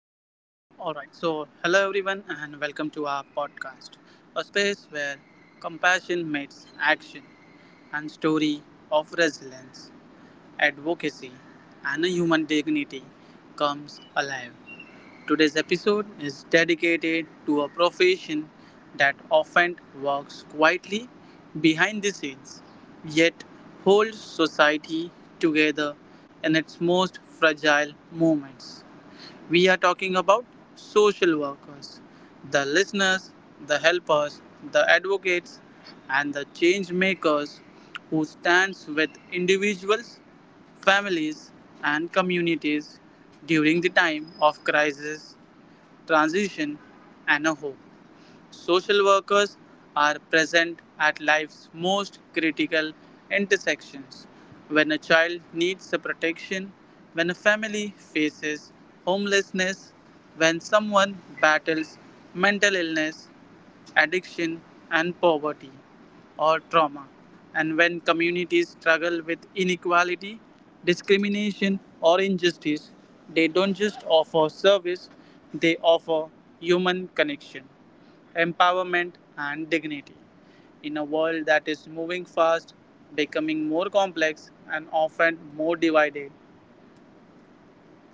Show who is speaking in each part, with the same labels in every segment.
Speaker 1: All right. So, hello everyone, and welcome to our podcast, a space where compassion meets action and story of resilience, advocacy, and human dignity comes alive. Today's episode is dedicated to a profession that often works quietly behind the scenes, yet holds society together in its most fragile moments. We are talking about social workers: the listeners, the helpers, the advocates, and the change makers who stands with individuals, families, and communities during the time of crisis, transition, and a hope. Social workers are present at life's most critical intersections: when a child needs a protection, when a family faces homelessness, when someone battles mental illness, addiction, and poverty or trauma. And when communities struggle with inequality, discrimination, or injustice, they don't just offer service, they offer human connection, empowerment, and dignity. In a world that is moving fast, becoming more complex, and often more divided,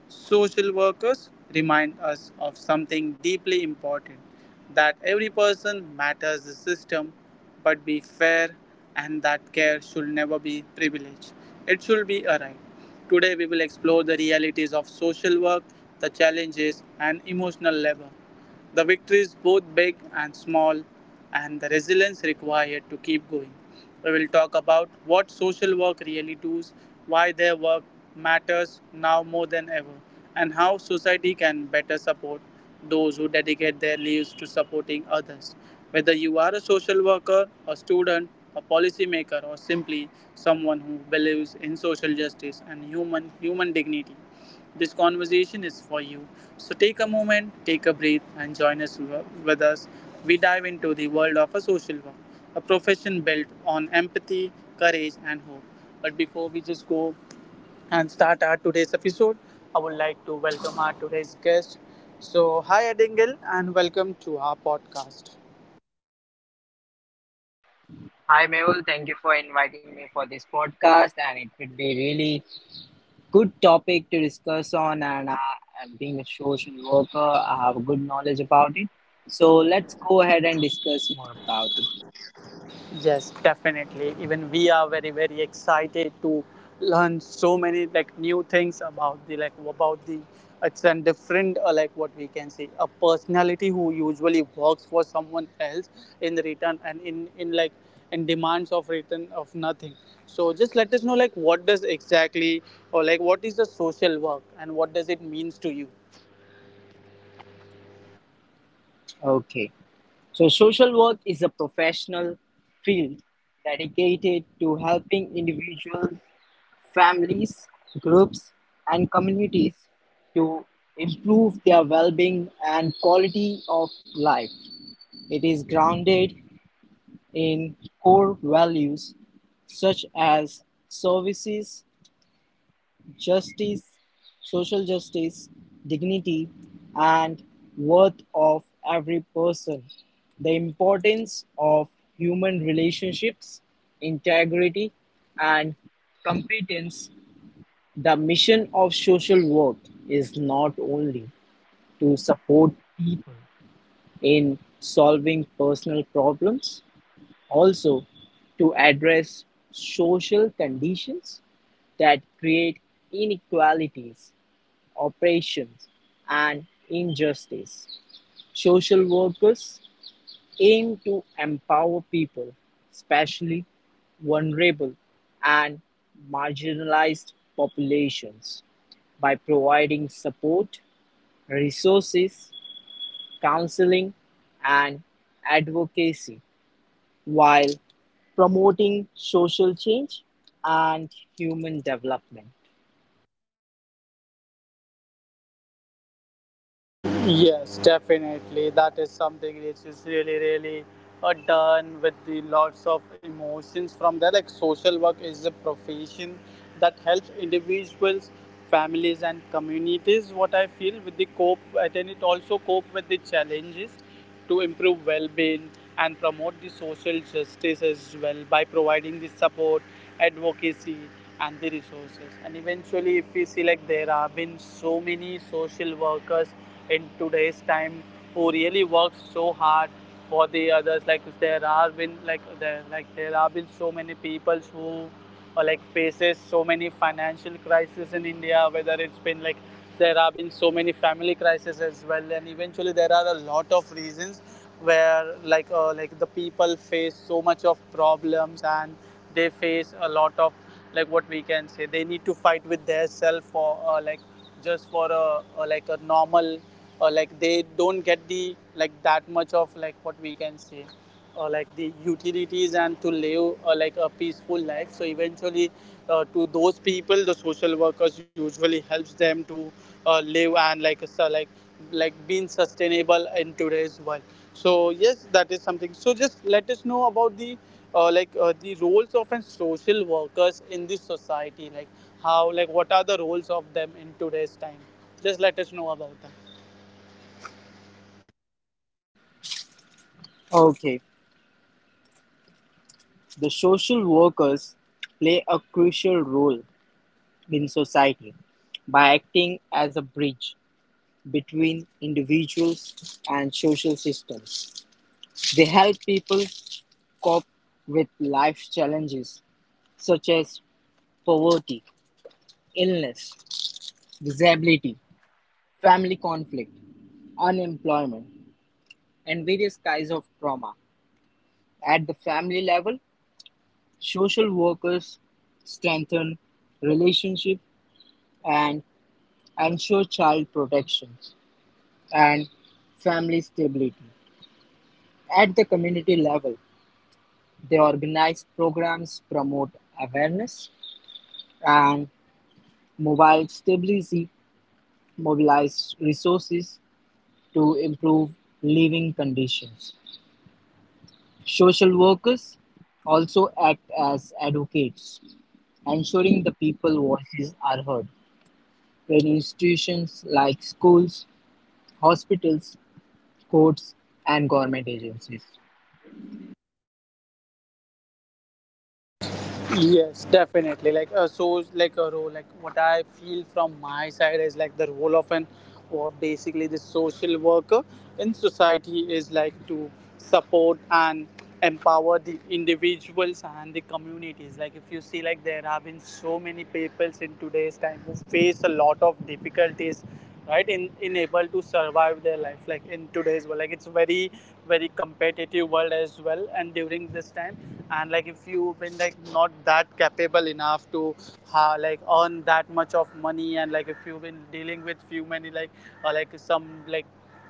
Speaker 1: social workers remind us of something deeply important: that every person matters, the system, but be fair, and that care should never be privilege. It should be a right. Today, we will explore the realities of social work, the challenges, and emotional labor, the victories, both big and small, and the resilience required to keep going. We will talk about what social work really does, why their work matters now more than ever, and how society can better support those who dedicate their lives to supporting others. Whether you are a social worker, a student, a policymaker, or simply someone who believes in social justice and human dignity, this conversation is for you. So take a moment, take a breath, and join us. With us, we dive into the world of a social work, a profession built on empathy, courage, and hope. But before we just go and start our today's episode, I would like to welcome our today's guest. So, hi Adingle, and welcome to our podcast.
Speaker 2: Hi Mehul, thank you for inviting me for this podcast, and it would be really good topic to discuss on. And I'm being a social worker, I have a good knowledge about it. So let's go ahead and discuss more about it.
Speaker 1: Yes, definitely. Even we are very very excited to learn so many like new things about the, like, about the, it's a different, like what we can say, a personality who usually works for someone else in return, and in like in demands of return of nothing. So just let us know, like, what does exactly, or like what is the social work, and what does it means to you?
Speaker 2: Okay, so social work is a professional field dedicated to helping individuals, families, groups, and communities to improve their well-being and quality of life. It is grounded in core values such as services, justice, social justice, dignity, and worth of every person, the importance of human relationships, integrity, and competence. The mission of social work is not only to support people in solving personal problems. Also, to address social conditions that create inequalities, oppression, and injustice. Social workers aim to empower people, especially vulnerable and marginalized populations, by providing support, resources, counseling, and advocacy while promoting social change and human development.
Speaker 1: Yes, definitely. That is something which is really, really done with the lots of emotions from there. Like, social work is a profession that helps individuals, families, and communities, what I feel, with the cope, and then it also cope with the challenges to improve well-being and promote the social justice as well, by providing the support, advocacy, and the resources. And eventually, if we select, there have been so many social workers in today's time who really work so hard for the others. Like, there have been so many people who, or like faces so many financial crises in India, whether it's been, like, there have been so many family crises as well, and eventually there are a lot of reasons where, like, like the people face so much of problems, and they face a lot of, like, what we can say, they need to fight with their self for, like, just for a like a normal, or like they don't get the, like, that much of, like, what we can say, like the utilities, and to live like a peaceful life. So eventually, to those people, the social workers usually helps them to live and, like, so like being sustainable in today's world. So yes, that is something. So just let us know about the, like, the roles of an social workers in this society, like how, like, what are the roles of them in today's time. Just let us know about that.
Speaker 2: Okay, the social workers play a crucial role in society by acting as a bridge between individuals and social systems. They help people cope with life challenges such as poverty, illness, disability, family conflict, unemployment, and various kinds of trauma. At the family level, social workers strengthen relationships and ensure child protection and family stability. At the community level, they organize programs, promote awareness, and mobile stability, mobilize resources to improve living conditions. Social workers also act as advocates, ensuring the people's voices are heard when institutions like schools, hospitals, courts, and government agencies.
Speaker 1: Yes, definitely. Like, so, like a role, like what I feel from my side is, like the role of an, or basically the social worker in society, is like to support and empower the individuals and the communities. Like, if you see, like, there have been so many peoples in today's time who face a lot of difficulties, right, in able to survive their life, like in today's world. Like, it's very very competitive world as well, and during this time, and like if you've been, like, not that capable enough to like earn that much of money, and like if you've been dealing with few many, like, or like some like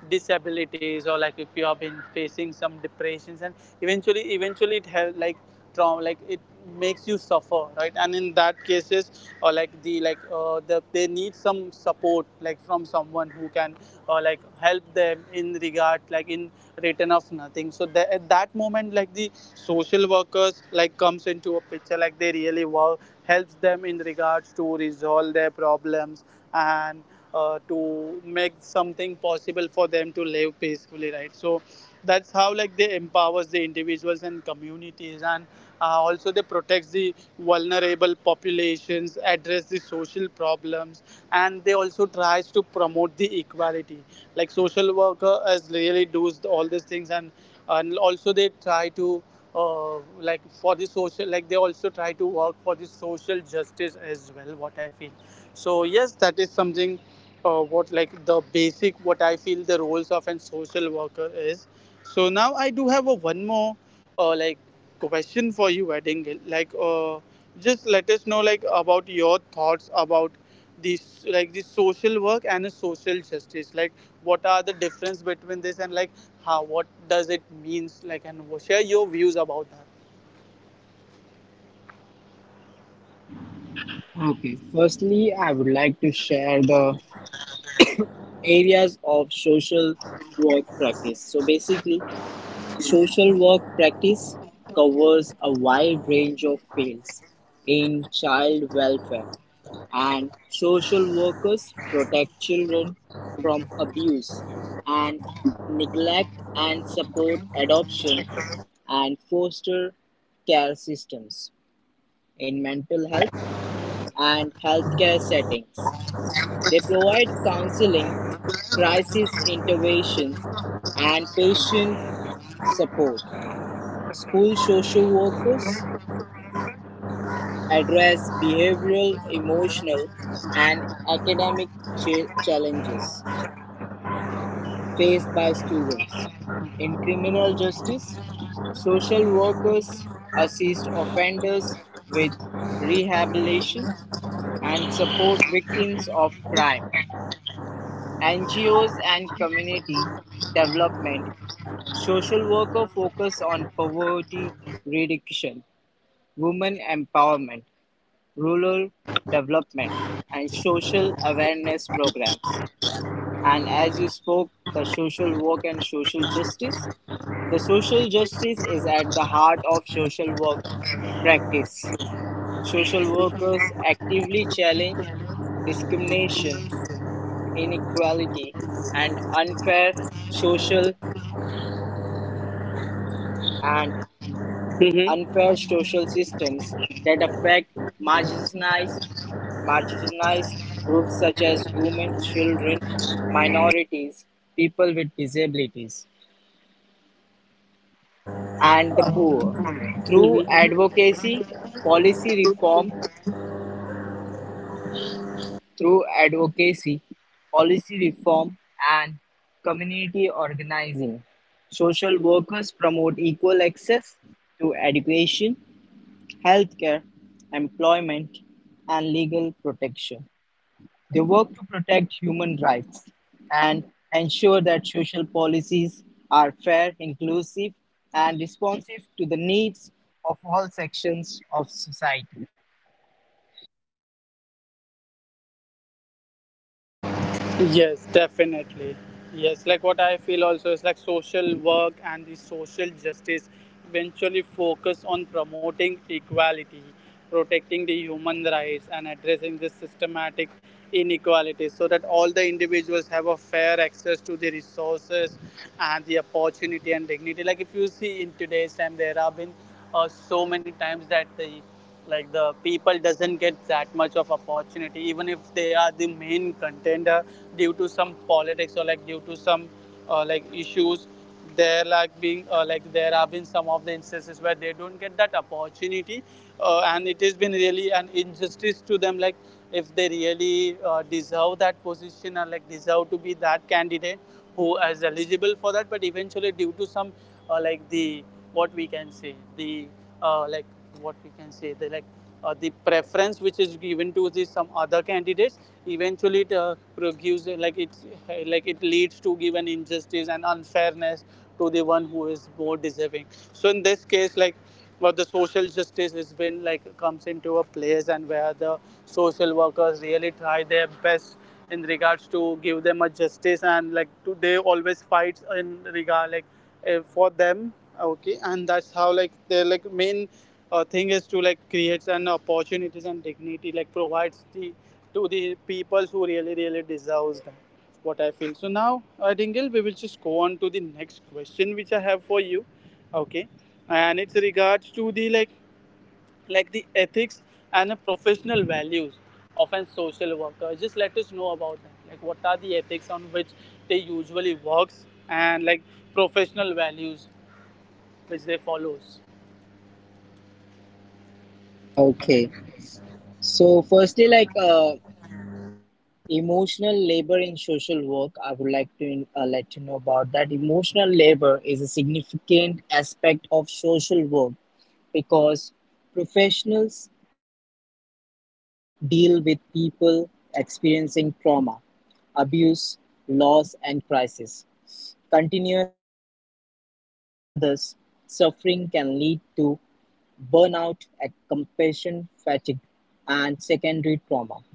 Speaker 1: disabilities, or like if you have been facing some depressions, and eventually it have like trauma, like it makes you suffer, right? And in that cases, or like the, like, they need some support, like from someone who can like help them in regard, like in return of nothing. So that, at that moment, like the social workers, like, comes into a picture, like they really work helps them in regards to resolve their problems, and to make something possible for them to live peacefully, right? So that's how, like, they empowers the individuals and communities, and also they protects the vulnerable populations, address the social problems, and they also tries to promote the equality, like social worker as really does all these things, and also they try to, like, for the social, like they also try to work for the social justice as well, what I feel. So yes, that is something, what, like, the basic, what I feel the roles of an social worker is. So now I do have a one more like question for you, Edingil. Like, just let us know, like, about your thoughts about this, like this social work and the social justice. Like, what are the difference between this, and like how, what does it means? Like, and share your views about that.
Speaker 2: Okay, firstly, I would like to share the areas of social work practice. So, basically, social work practice covers a wide range of fields in child welfare, and social workers protect children from abuse and neglect and support adoption and foster care systems. In mental health and healthcare settings, they provide counseling, crisis intervention, and patient support. School social workers address behavioral, emotional, and academic challenges faced by students. In criminal justice, social workers assist offenders with rehabilitation and support victims of crime. NGOs and community development social worker focus on poverty reduction, women empowerment, rural development, and social awareness programs. And as you spoke, the social work and social justice. The social justice is at the heart of social work practice. Social workers actively challenge discrimination, inequality, and unfair social and
Speaker 3: Mm-hmm.
Speaker 2: unfair social systems that affect marginalized marginalized groups such as women, children, minorities, people with disabilities, and the poor. Through
Speaker 3: Mm-hmm.
Speaker 2: advocacy, policy reform, through advocacy, policy reform, and community organizing, social workers promote equal access to education, healthcare, employment, and legal protection. They work to protect human rights and ensure that social policies are fair, inclusive, and responsive to the needs of all sections of society.
Speaker 3: Yes, definitely. Yes, like what I feel also is like social work and the social justice eventually focus on promoting equality, protecting the human rights, and addressing the systematic inequalities so that all the individuals have a fair access to the resources and the opportunity and dignity. Like if you see in today's time, there have been so many times that the people doesn't get that much of opportunity even if they are the main contender due to some politics or like due to some like issues there like being like there have been some of the instances where they don't get that opportunity and it has been really an injustice to them, like if they really deserve that position and like deserve to be that candidate who is eligible for that, but eventually due to some like the what we can say the like what we can say the like the preference which is given to the some other candidates, eventually it gives, like it leads to give an injustice and unfairness to the one who is more deserving. So in this case, like well, the social justice has been like comes into a place and where the social workers really try their best in regards to give them a justice and like to, they always fight in regard, like for them. Okay, and that's how like the main thing is to like create an opportunities and dignity, like provides the to the people who really really deserves them, what I feel. So now I think we will just go on to the next question which I have for you. Okay, and it's regards to the like the ethics and the professional values of a social worker. Just let us know about that, like what are the ethics on which they usually works and like professional values which they follows.
Speaker 2: Okay, so firstly, like emotional labor in social work, I would like to let you know about that. Emotional labor is a significant aspect of social work because professionals constantly deal with people experiencing trauma, abuse, loss, and crisis. Continuous exposure to others' suffering can lead to burnout, compassion fatigue, and secondary trauma.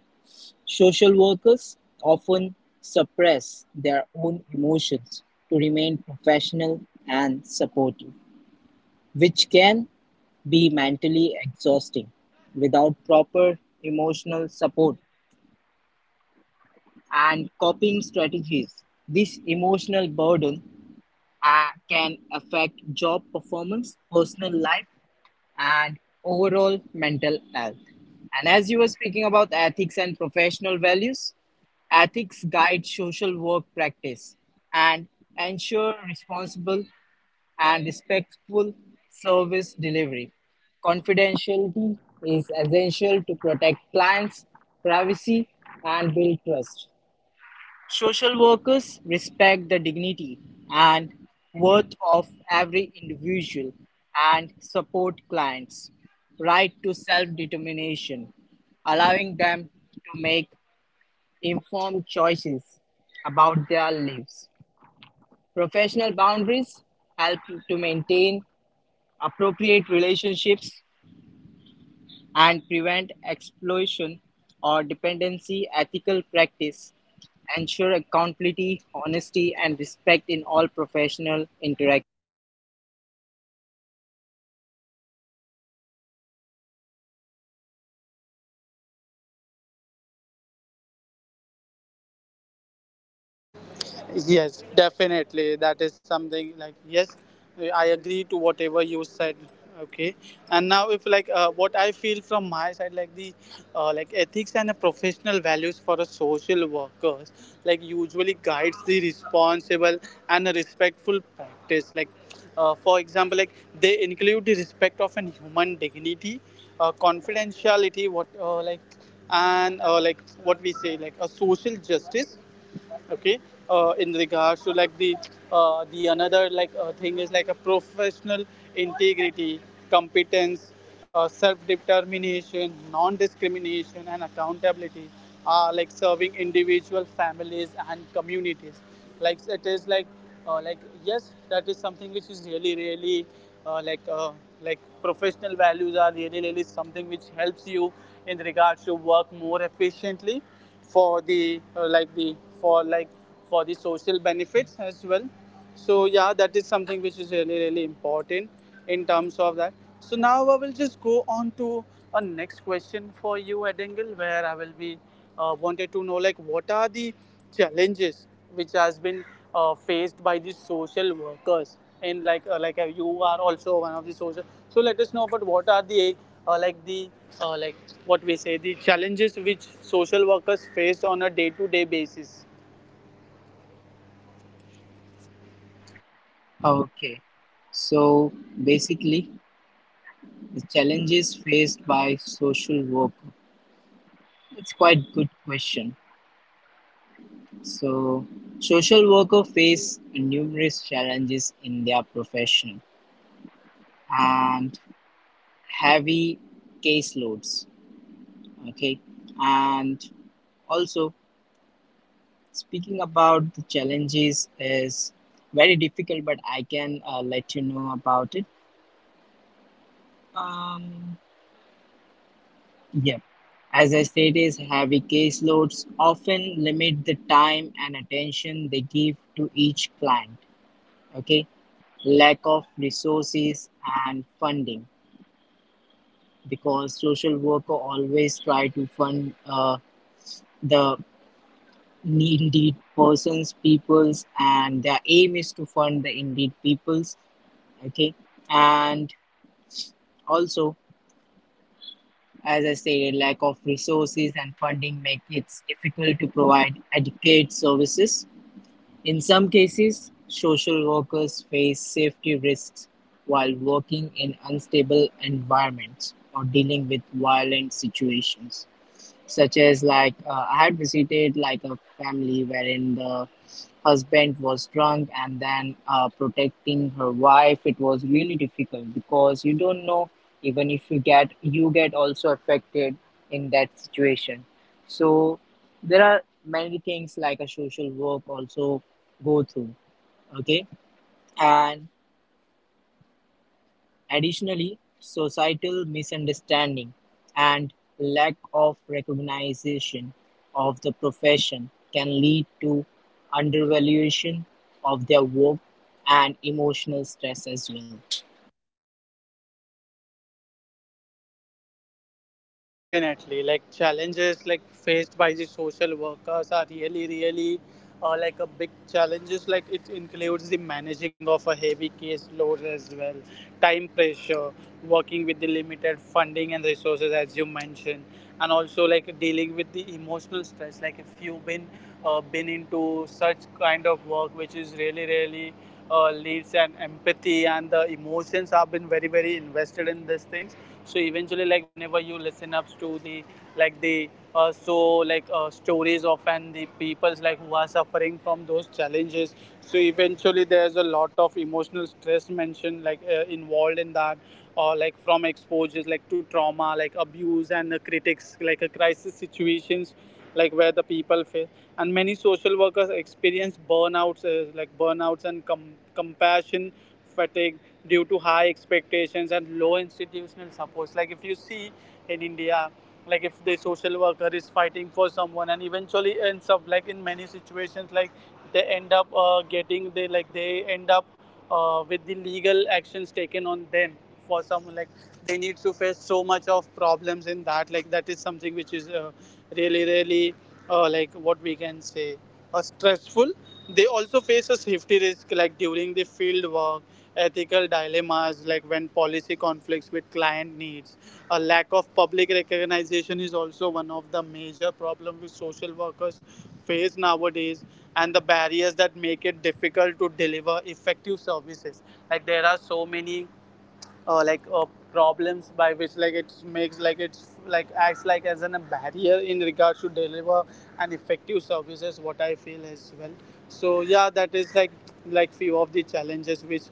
Speaker 2: Social workers often suppress their own emotions to remain professional and supportive, which can be mentally exhausting. Without proper emotional support and coping strategies, this emotional burden can affect job performance, personal life, and overall mental health. And as you were speaking about ethics and professional values, ethics guide social work practice and ensure responsible and respectful service delivery. Confidentiality is essential to protect clients' privacy and build trust. Social workers respect the dignity and worth of every individual and support clients' right to self determination, allowing them to make informed choices about their lives. Professional boundaries help to maintain appropriate relationships and prevent exploitation or dependency. Ethical practice ensure accountability, honesty, and respect in all professional interactions.
Speaker 3: Yes, definitely. That is something like, yes, I agree to whatever you said. Okay, and now if like what I feel from my side, like the like ethics and the professional values for a social workers, like usually guides the responsible and a respectful practice. Like for example, like they include the respect of an human dignity, confidentiality, what like and like what we say like a social justice. Okay, in regards to like the another like thing is like a professional integrity, competence, self-determination, non-discrimination and accountability are like serving individual families and communities, like it is like yes, that is something which is really really uh, like uh, like professional values are really really something which helps you in regards to work more efficiently for the like the for like for the social benefits as well. So yeah, that is something which is really really important in terms of that. So now I will just go on to a next question for you, Edingle, where I will be wanted to know, like what are the challenges which has been faced by the social workers and like you are also one of the social, so let us know about what are the like the like what we say the challenges which social workers face on a day to day basis.
Speaker 2: Okay, so basically, the challenges faced by social worker. It's quite good question. So, social worker face numerous challenges in their profession and heavy caseloads. Okay, and also speaking about the challenges is very difficult, but I can let you know about it. Um, yeah, as I said, is heavy caseloads often limit the time and attention they give to each client. Okay, lack of resources and funding because social worker always try to fund the needy persons, peoples, and their aim is to fund the indeed peoples. Okay. And also, as I said, lack of resources and funding make it difficult to provide adequate services. In some cases, social workers face safety risks while working in unstable environments or dealing with violent situations, such as like I had visited like a family wherein the husband was drunk and then protecting her wife. It was really difficult because you don't know, even if you get also affected in that situation. So there are many things like a social work also go through. Okay, and additionally, societal misunderstanding and lack of recognition of the profession can lead to undervaluation of their work and emotional stress as well.
Speaker 3: Yes, definitely. Like challenges like faced by the social workers are really, really like a big challenges. Like it includes the managing of a heavy caseload as well, time pressure, working with the limited funding and resources, as you mentioned, and also like dealing with the emotional stress. Like if you've been into such kind of work, which is really, really leads, and empathy and the emotions have been very, very invested in these things, so eventually like whenever you listen up to the like the so like stories of and the peoples like who are suffering from those challenges, so eventually there's a lot of emotional stress mentioned, like involved in that, or like from exposures like to trauma, like abuse and critics like a crisis situations, like where the people face, and many social workers experience burnouts and compassion fatigue due to high expectations and low institutional supports. Like if you see in India, like if the social worker is fighting for someone and eventually ends up, like in many situations, like they end up getting, they like they end up with the legal actions taken on them, for some, like they need to face so much of problems in that, like that is something which is really really like what we can say stressful. They also face a safety risk like during the field work, ethical dilemmas like when policy conflicts with client needs, a lack of public recognition is also one of the major problems which social workers face nowadays, and the barriers that make it difficult to deliver effective services. Like there are so many like problems by which, like it makes like it's like acts like as an, a barrier in regards to deliver an effective services, what I feel as well. So yeah, that is like few of the challenges which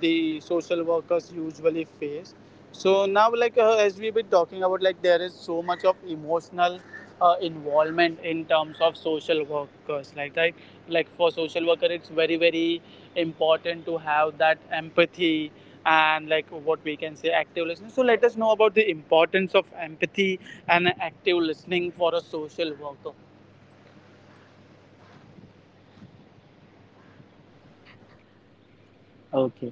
Speaker 3: the social workers usually face. So now, like as we've been talking about, like there is so much of emotional involvement in terms of social workers. Like right, like for social worker, it's very very important to have that empathy and like what we can say active listening. So let us know about the importance of empathy and active listening for a social worker.
Speaker 2: Okay.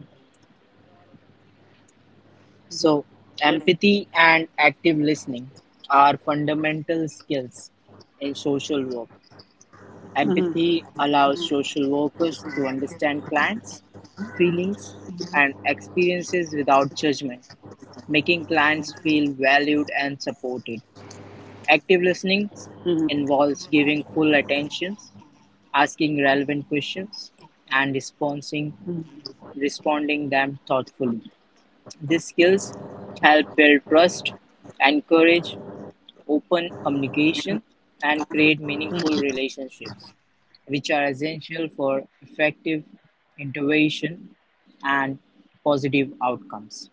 Speaker 2: So,
Speaker 3: Yes.
Speaker 2: empathy and active listening are fundamental skills in social work.
Speaker 3: Mm-hmm.
Speaker 2: Empathy allows social workers to understand clients' feelings and experiences without judgment, making clients feel valued and supported. Active listening involves giving full attention, asking relevant questions, and responding them thoughtfully. These skills help build trust, encourage open communication, and create meaningful relationships, which are essential for effective intervention and positive outcomes.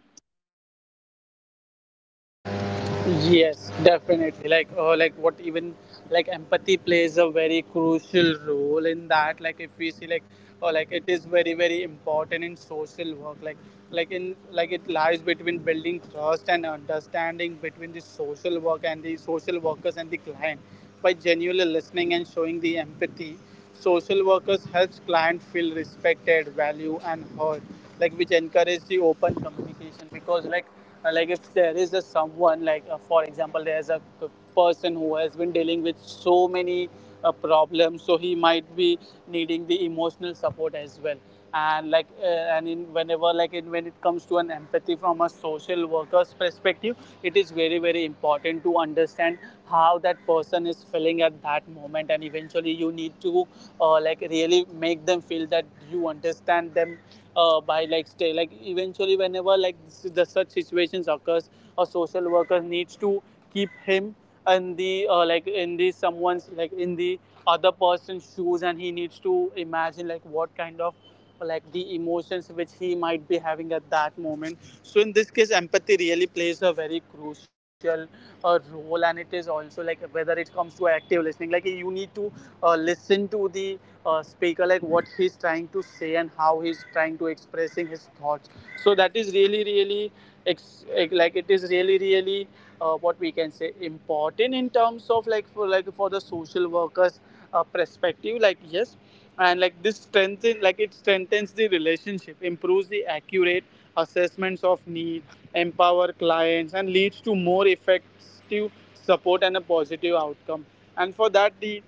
Speaker 3: Yes, definitely. Like what even like empathy plays a very crucial role in that. Like, if we see like, or like it is very very important in social work. Like, like in it lies between building trust and understanding between the social work and the social workers and the client. By genuinely listening and showing the empathy, social workers helps client feel respected, value and heard, like which encourage the open communication. Because like if there is a someone like for example, there's a person who has been dealing with so many problems, so he might be needing the emotional support as well. And like and in whenever like in when it comes to an empathy from a social worker's perspective, it is very very important to understand how that person is feeling at that moment, and eventually you need to like really make them feel that you understand them by like stay like eventually whenever like the such situations occurs, a social worker needs to keep him in the like in the someone's like in the other person's shoes and he needs to imagine like what kind of like the emotions which he might be having at that moment. So in this case, empathy really plays a very crucial role. And it is also like whether it comes to active listening, like you need to listen to the speaker, like what he's trying to say and how he's trying to expressing his thoughts. So that is really really, it's like it is really really what we can say important in terms of like for the social workers perspective. Like yes, and like this strengthen like it strengthens the relationship, improves the accurate assessments of need, empower clients and leads to more effective support and a positive outcome. And for that, the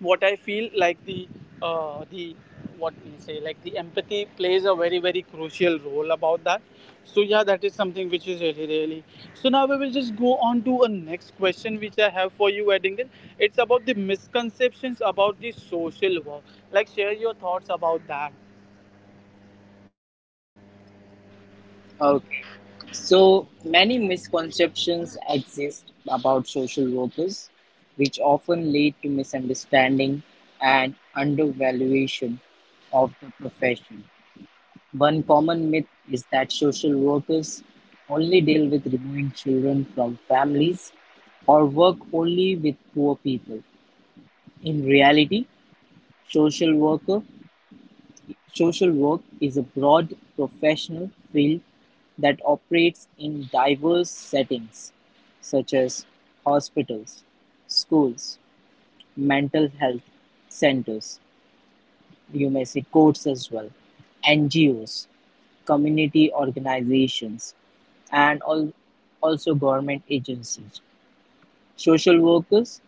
Speaker 3: what I feel like the what we say like the empathy plays a very very crucial role about that. So yeah, that is something which is really really. So now we will just go on to a next question which I have for you, Eddington. It's about the misconceptions about the social work. Like share your thoughts about that.
Speaker 2: Okay. So many misconceptions exist about social workers, which often lead to misunderstanding and undervaluation of the profession. One common myth is that social workers only deal with removing children from families or work only with poor people. In reality, social worker social work is a broad professional field that operates in diverse settings such as hospitals, schools, mental health centers, you may say courts as well, NGOs, community organizations, and all, also government agencies. Social workers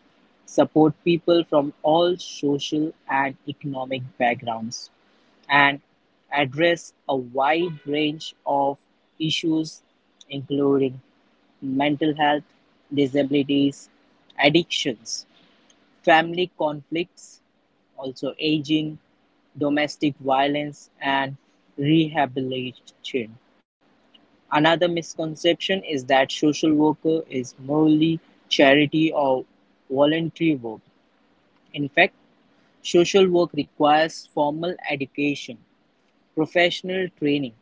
Speaker 2: support people from all social and economic backgrounds and address a wide range of issues including mental health, disabilities, addictions, family conflicts, also aging, domestic violence, and rehabilitation. Another misconception is that social work is merely charity or voluntary work; in fact, social work requires formal education, professional training,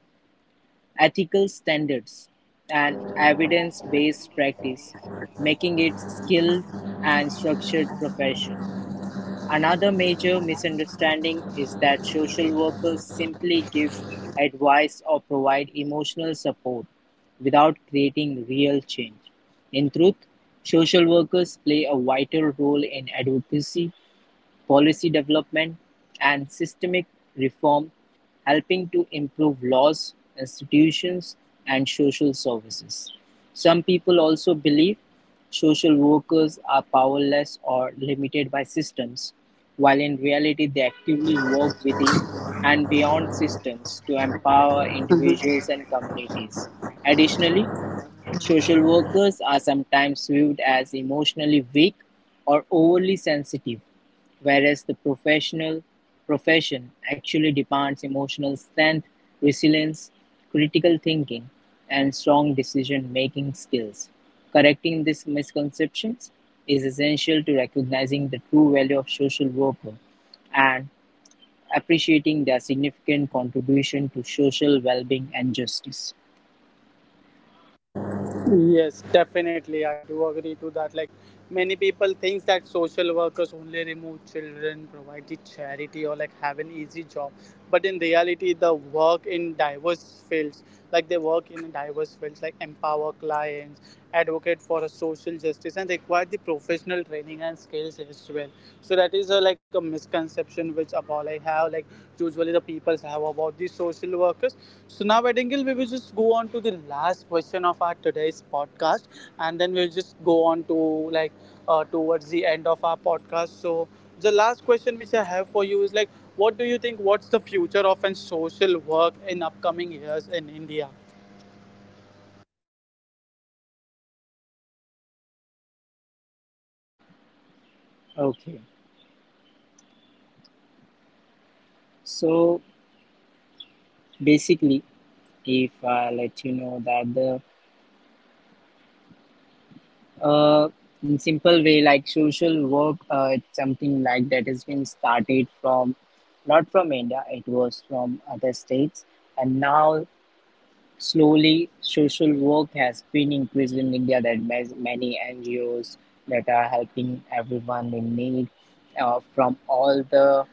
Speaker 2: ethical standards, and evidence-based practice, making it a skilled and structured profession. Another major misunderstanding is that social workers simply give advice or provide emotional support without creating real change. In truth, social workers play a vital role in advocacy, policy development, and systemic reform, helping to improve laws, institutions, and social services. Some people also believe social workers are powerless or limited by systems, while in reality, they actively work within and beyond systems to empower individuals and communities. Additionally, social workers are sometimes viewed as emotionally weak or overly sensitive, whereas the professional profession actually demands emotional strength, resilience, critical thinking, and strong decision-making skills. Correcting these misconceptions is essential to recognizing the true value of social workers and appreciating their significant contribution to social well-being and justice.
Speaker 3: Yes, definitely. I do agree to that. Like many people thinks that social workers only remove children, provide the charity or like have an easy job. But in reality the work in diverse fields, like they work in diverse fields, like empower clients, advocate for a social justice and require the professional training and skills as well. So that is a, like a misconception which about, like have, like usually the people have about these social workers. So now I think we will just go on to the last question of our today's podcast, and then we'll just go on to like towards the end of our podcast. So the last question which I have for you is, like what do you think? What's the future of an social work in upcoming years in India?
Speaker 2: Okay, so basically, if I let you know that the uh, in simple way like social work, it's something like that has been started from not from India, it was from other states, and now, slowly, social work has been increased in India. That means many NGOs that are helping everyone in need from all the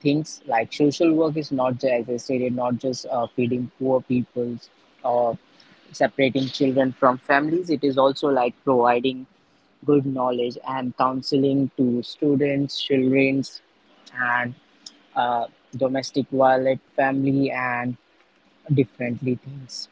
Speaker 2: things like social work is not just, as I stated, not just feeding poor peoples or separating children from families. It is also like providing good knowledge and counseling to students, childrens, and uh, domestic violent family and differently things.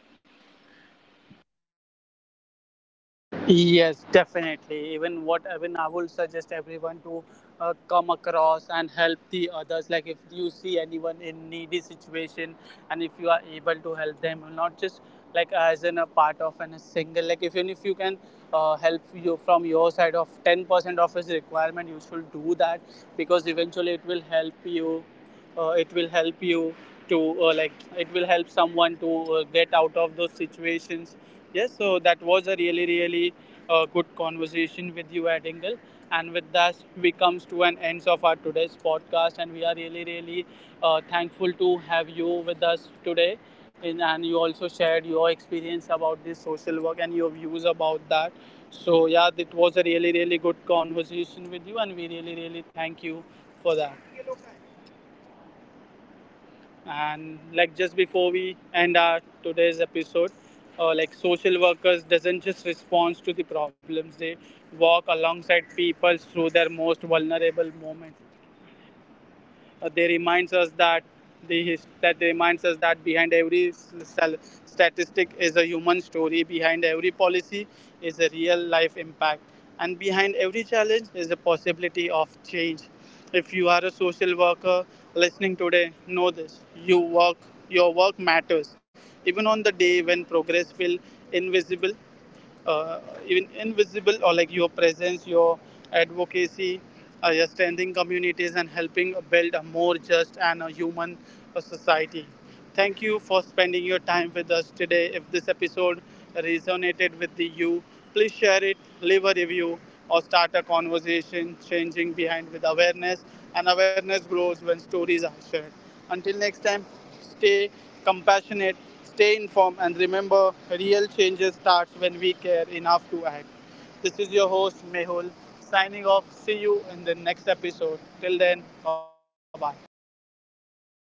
Speaker 3: Yes, definitely. Even what even I will suggest everyone to come across and help the others. Like if you see anyone in needy situation, and if you are able to help them, not just like as in a part of an, a single. Like if even if you can help you from your side of 10% of his requirement, you should do that because eventually it will help you it will help you to like it will help someone to get out of those situations. Yes, so that was a really really good conversation with you, Adingle, and with that we comes to an end of our today's podcast, and we are really really thankful to have you with us today, and you also shared your experience about this social work and your views about that. So yeah, it was a really really good conversation with you and we really really thank you for that. And like just before we end our today's episode, like social workers doesn't just respond to the problems, they walk alongside people through their most vulnerable moments. They reminds us that the behind every statistic is a human story. Behind every policy is a real life impact, and behind every challenge is a possibility of change. If you are a social worker listening today, know this: you work, your work matters, even on the day when progress feels invisible uh, even invisible, or like your presence, your advocacy, your standing communities and helping build a more just and a human society. Thank you for spending your time with us today. If this episode resonated with you, please share it, leave a review, or start a conversation. Changing behind with awareness, and awareness grows when stories are shared. Until next time, stay compassionate, stay informed, and remember real changes starts when we care enough to act. This is your host Mehul, signing off. See you in the next episode. Till then, bye bye.